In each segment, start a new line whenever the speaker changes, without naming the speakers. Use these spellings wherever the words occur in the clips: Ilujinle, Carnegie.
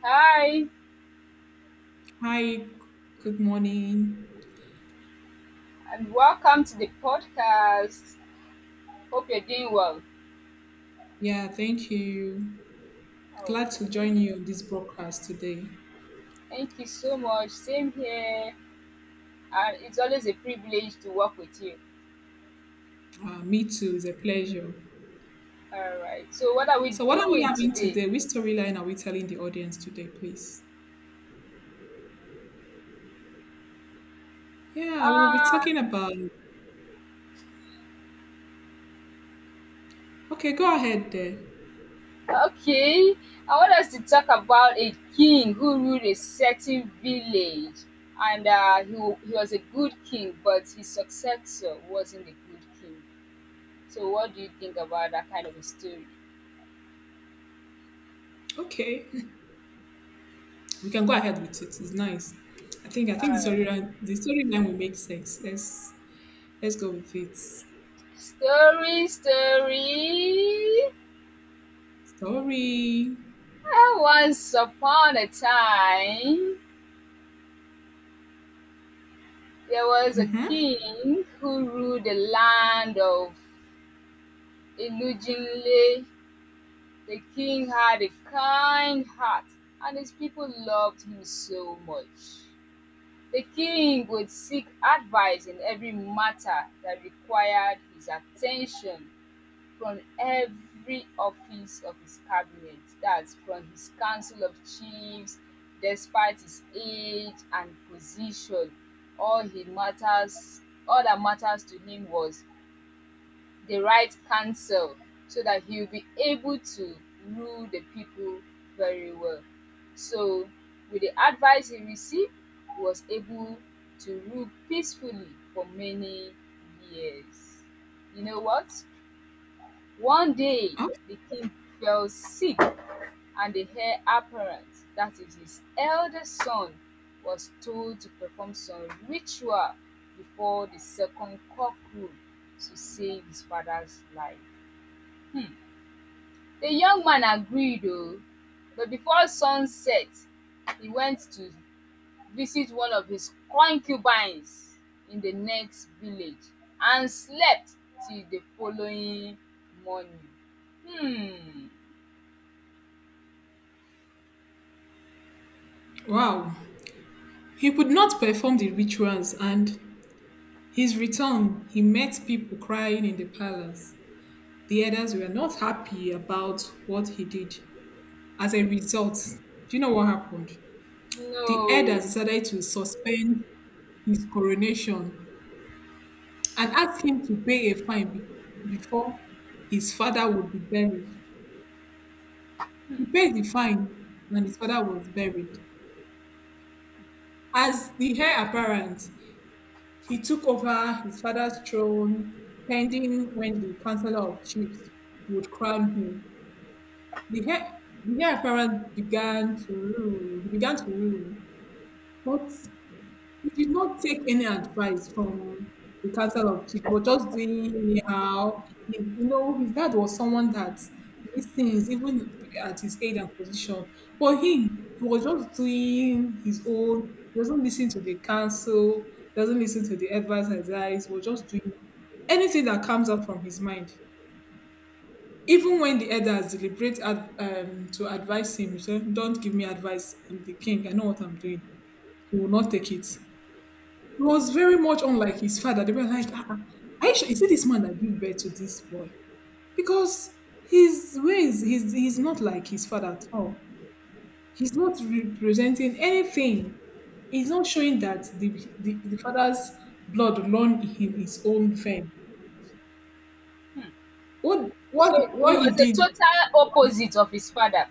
Hi,
Hi, good morning.
and welcome to the podcast. Hope you're doing well.
Yeah, thank you. Glad to join
Okay.
you on this broadcast today.
Thank you so much. Same here. And it's always a privilege to work with you.
Me too, it's a pleasure.
All right. So, what are we
So, what are we
doing
having
today?
today? Which storyline are we telling the audience today, please? Yeah, we'll be
Ah,
talking about. Okay, go ahead there.
okay. I want us to talk about a king who ruled a certain village. And he, he was a good king, but his successor wasn't a good king. So, what do you think about that kind of a story?
Okay, we can go ahead with it. It's nice. I think I
All
think the
right.
storyline the storyline will make sense. Let's go with it.
Story, story.
Story.
Once upon a time there was a
Mm-hmm.
king who ruled the land of Ilujinle. The king had a kind heart and his people loved him so much. The king would seek advice in every matter that required his attention. From every office of his cabinet, that's from his council of chiefs. Despite his age and position, all he matters, all that matters to him was the right counsel so that he'll be able to rule the people very well. So, with the advice he received, he was able to rule peacefully for many years. You know what? One day
Oh,
the king fell sick and the heir apparent, that is his eldest son, was told to perform some ritual before the second cockcrow to save his father's life. The young man agreed though. But before sunset he went to visit one of his concubines in the next village and slept till the following morning. Hmm.
wow. He could not perform the rituals and his return, he met people crying in the palace. The elders were not happy about what he did. As a result, do you know what happened? The
No.
elders decided to suspend his coronation and asked him to pay a fine before his father would be buried. He paid the fine and his father was buried. As the heir apparent, he took over his father's throne pending when the Council of Chiefs would crown him. The heir, the heir apparent began to rule. He began to rule, but he did not take any advice from the council of chiefs. He was just doing anyhow. He- you know, his dad was someone that listens even at his age and position. For him, he was just doing his own. He doesn't listen to the council. He doesn't listen to the advice. He was just doing anything that comes out from his mind. Even when the elders to advise him, he said, don't give me advice. I'm the king. I know what I'm doing. He will not take it. He was very much unlike his father. They were like, ah, ah, are you sure? Is it this man that gave birth to this boy? Because his ways, he's not like his father at all. He's not representing anything. He's not showing that the father's blood run in his own vein. What,
So
what,
he
what he
was a
did.
total opposite of his father.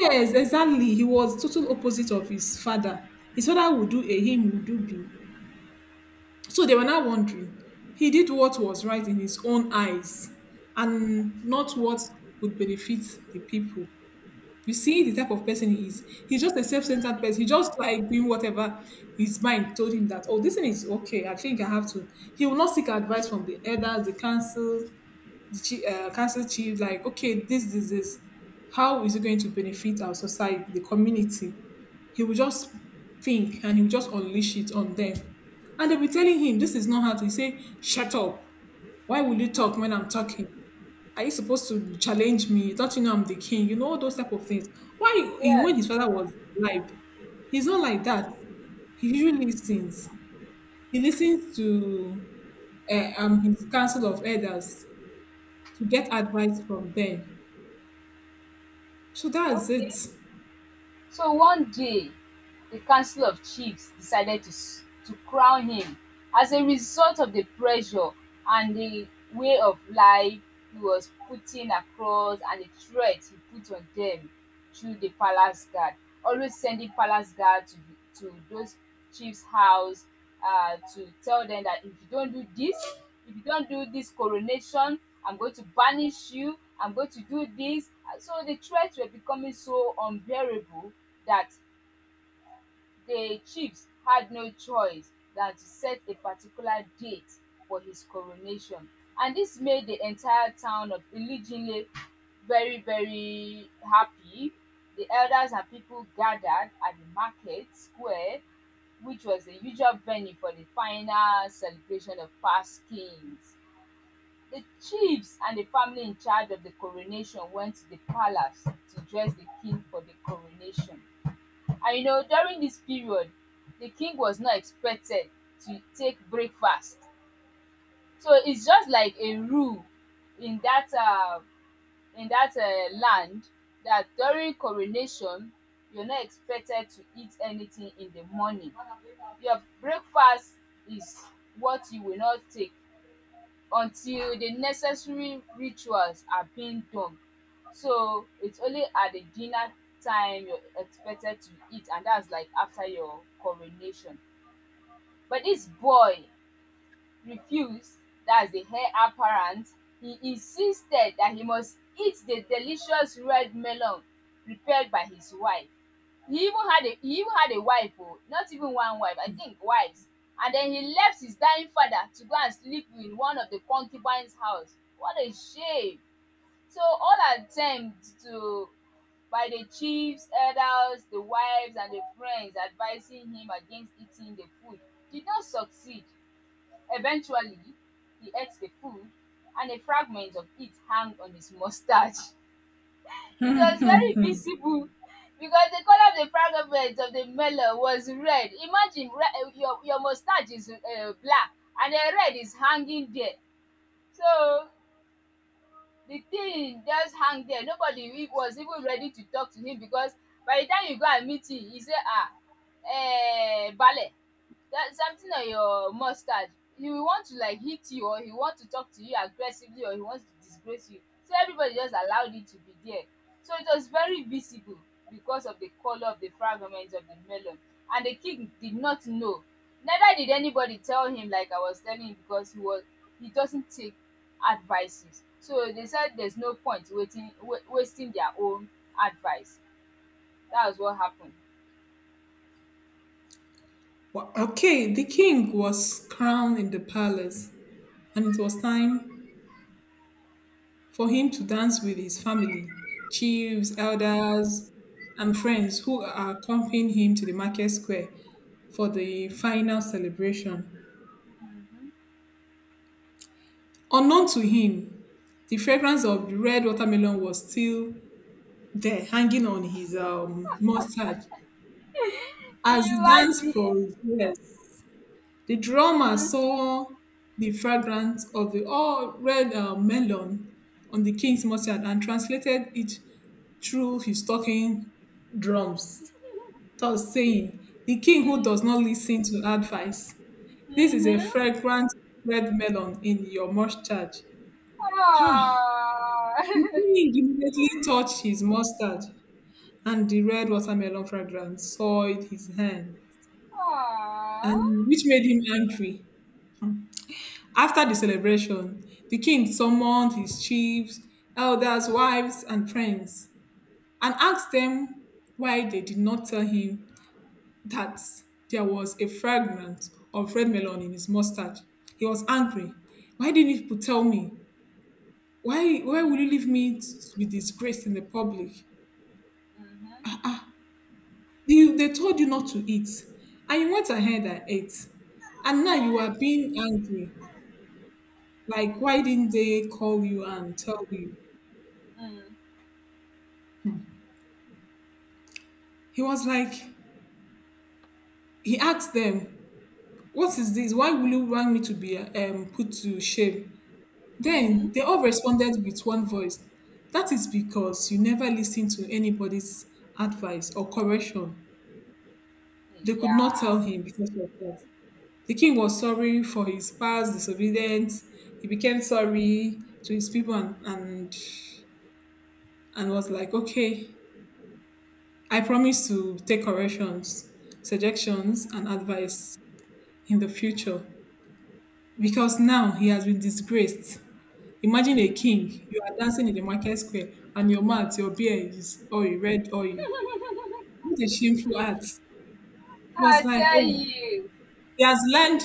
Yes, exactly. He was total opposite of his father. His father would do A, him would do B. So they were now wondering. He did what was right in his own eyes and not what would benefit the people. You see the type of person he is. He's just a self-centered person. He just like doing whatever his mind told him that, oh, this thing is okay. I think I have to. He will not seek advice from the elders, the council, council chief, like, okay, this, how is it going to benefit our society, the community? He will just think and he will just unleash it on them. And they'll be telling him, this is not how to say, shut up. Why will you talk
Hmm,
when I'm talking? Are you supposed to challenge me? Don't you know I'm the king? You know, all those type of things. Why, he-
yes.
when his father was alive, he's not like that. He usually listens. He listens to his council of elders to get advice from them. So that's it.
Okay. So one day, the Council of Chiefs decided to to crown him. As a result of the pressure and the way of life he was putting across and the threat he put on them through the palace guard, always sending palace guard to those chiefs' house to tell them that if you don't do this, if you don't do this coronation, I'm going to banish you, I'm going to do this. And so the threats were becoming so unbearable that the chiefs had no choice than to set a particular date for his coronation. And this made the entire town of Ilijinle very, very happy. The elders and people gathered at the market square, which was the usual venue for the final celebration of past kings. The chiefs and the family in charge of the coronation went to the palace to dress the king for the coronation. And you know, during this period, the king was not expected to take breakfast. So it's just like a rule in that uh, in that land that during coronation, you're not expected to eat anything in the morning. Your breakfast is what you will not take until the necessary rituals are being done. So it's only at the dinner time you're expected to eat, and that's like after your coronation. But this boy refused (that's the heir apparent), he insisted that he must eat the delicious red melon prepared by his wife. He even had a wife, oh, not even one wife, I think wives. And then he left his dying father to go and sleep in one of the concubines' house. What a shame! So all attempts to by the chiefs, elders, the wives and the friends advising him against eating the food did not succeed. Eventually, he ate the food, and a fragment of it hung on his mustache. It was very
Mhm.
visible because the color of the fragment of the melon was red. Imagine your mustache is black and the red is hanging there. So the thing just hung there. Nobody was even ready to talk to him because by the time you go and meet him, he say, ballet. That's something on your mustard. He will want to like hit you or he will want to talk to you aggressively or he wants to disgrace you. So everybody just allowed it to be there. So it was very visible because of the color of the fragments of the melon. And the king did not know. Neither did anybody tell him like I was telling you because he doesn't take advices. So they said there's no point wasting their own advice. That was what happened.
Okay, the king was crowned in the palace, and it was time for him to dance with his family, chiefs, elders, and friends who are accompanying him to the market square for the final celebration. Unknown to him, the fragrance of the red watermelon was still there, hanging on his mustard as he danced
Imagine.
for years. The drummer
Hmm.
saw the fragrance of the all red melon on the king's mustard and translated it through his talking drums, thus saying, the king who does not listen to advice, this is a
Mm-hmm.
fragrant red melon in your mustard. Ha! The
Aww.
king immediately touched his mustard, and the red watermelon fragrance soiled his hand,
Aww.
and which made him angry. After the celebration, the king summoned his chiefs, elders, wives, and friends, and asked them why they did not tell him that there was a fragrance of red melon in his mustard. He was angry. Why didn't you tell me? Why will you leave
Mm-hmm.
me to be disgraced in the public?
Mm-hmm.
You, they told you not to eat, and you went ahead and ate. And now you are being angry. Like, why didn't they call you and tell you?
Mm-hmm.
He was like, he asked them, what is this? Why will you want me to be put to shame?
Mm-hmm.
Then they all responded with one voice, that is because you never listen to anybody's advice or correction. They could not
Yeah.
tell him because of that. The king was sorry for his past disobedience. He became sorry to his people and was like, okay, I promise to take corrections, suggestions,
Mm-hmm.
and advice in the future. Because now he has been disgraced. Imagine a
Mm-hmm.
king, you are dancing in the market square and your mouth, your beard is oil, red oil. What a shameful act. It was
I
like,
tell
oh,
you,
he has learned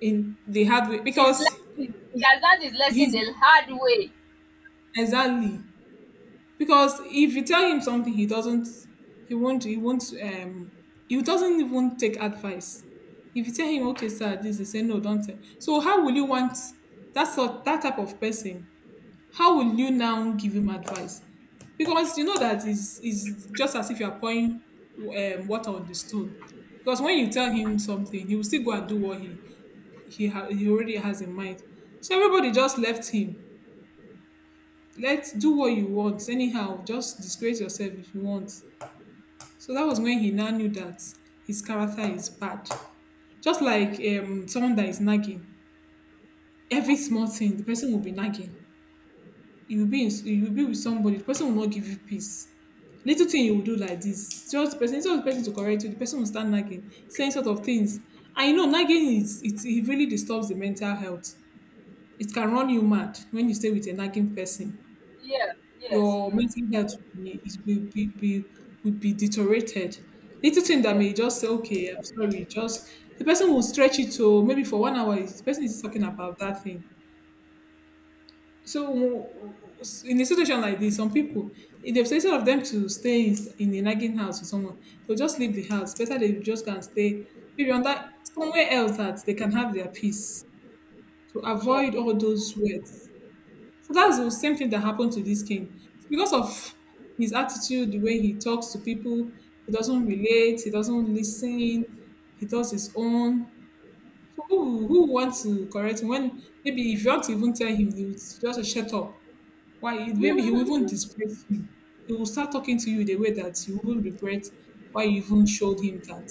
in the hard way
his
because
lesson. He has learned his lesson
he's
the hard way.
exactly because if you tell him something he doesn't he won't he doesn't even take advice. If you tell him, okay, sir, this, he say no, don't tell. So how will you want that type of person, how will you now give him advice? Because you know that is just as if you are pouring water on the stone. Because when you tell him something, he will still go and do what he already has in mind. So everybody just left him. Let's do what you want. Anyhow, just disgrace yourself if you want. So that was when he now knew that his character is bad. Just like someone that is nagging. Every small thing, the person will be nagging. You'll be with somebody, the person will not give you peace. Little thing you will do like this, just the person, instead of the person to correct you, the person will start nagging, saying sort of things. I know, nagging it really disturbs the mental health. It can run you mad when you stay with a nagging person.
Yeah. Yes.
Your
Mm.
mental health will be, will be deteriorated. Little thing that
Yeah.
may just say, okay, I'm sorry, just the person will stretch it to maybe for 1 hour. The person is talking about that thing, so in a situation like this, some people, if they've instead of them to stay in a nagging house with someone, they'll just leave the house. Better they just can stay maybe on that somewhere else that they can have their peace to
Sure.
avoid all those words. So that's the same thing that happened to this king. Because of his attitude, the way he talks to people, he doesn't relate, he doesn't listen, he does his own. So who wants to correct him, when maybe if you want to even tell him, he would just shut up, why it maybe he will even disgrace you. He will start talking to you the way that you will regret why you even showed him that.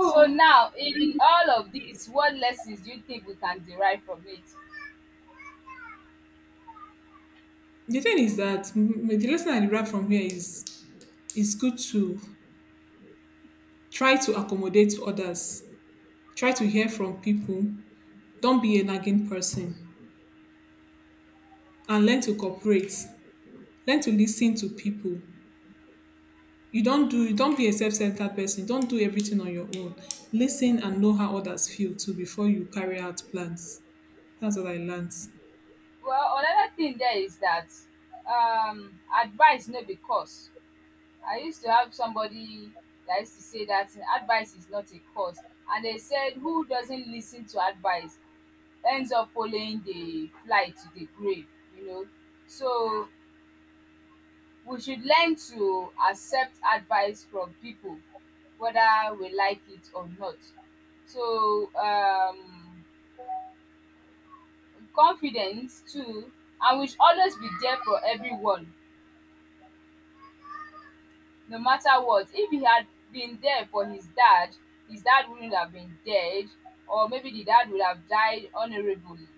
So now, in
and
all of this, what lessons do you think we can derive from it?
the thing is that the lesson I derive from here is it's good to try to accommodate others, try to hear from people, don't be a nagging person, and learn to cooperate.
Okay.
Learn to listen to people. You don't do Don't be a self-centered person. Don't do everything on your own. Listen and know how others feel too before you carry out plans. That's what I learned.
Well, another thing there is that advice no be cost. I used to have somebody that used to say that advice is not a curse. And they said, who doesn't listen to advice ends up following the fly to the grave, you know. So we should learn to accept advice from people, whether we like it or not. So confidence too, and we should always be there for everyone. No matter what, if he had been there for his dad wouldn't have been dead, or maybe the dad would have died honorably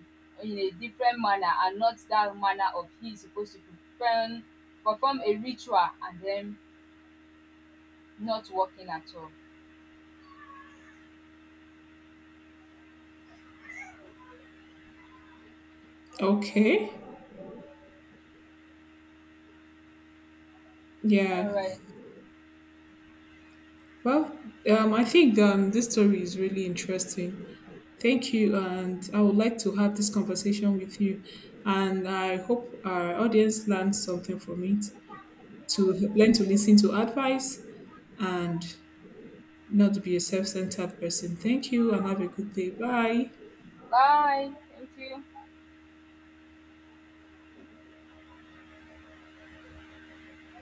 in a different manner and not that manner of he's supposed to perform, perform a ritual and then not working at all.
Okay.
All
Yeah.
right,
Well, I think this story is really interesting. Thank you. And I would like to have this conversation with you. And I hope our audience learns something from it, to learn to listen to advice and not to be a self centered person. Thank you and have a good day. Bye.
bye. Thank you.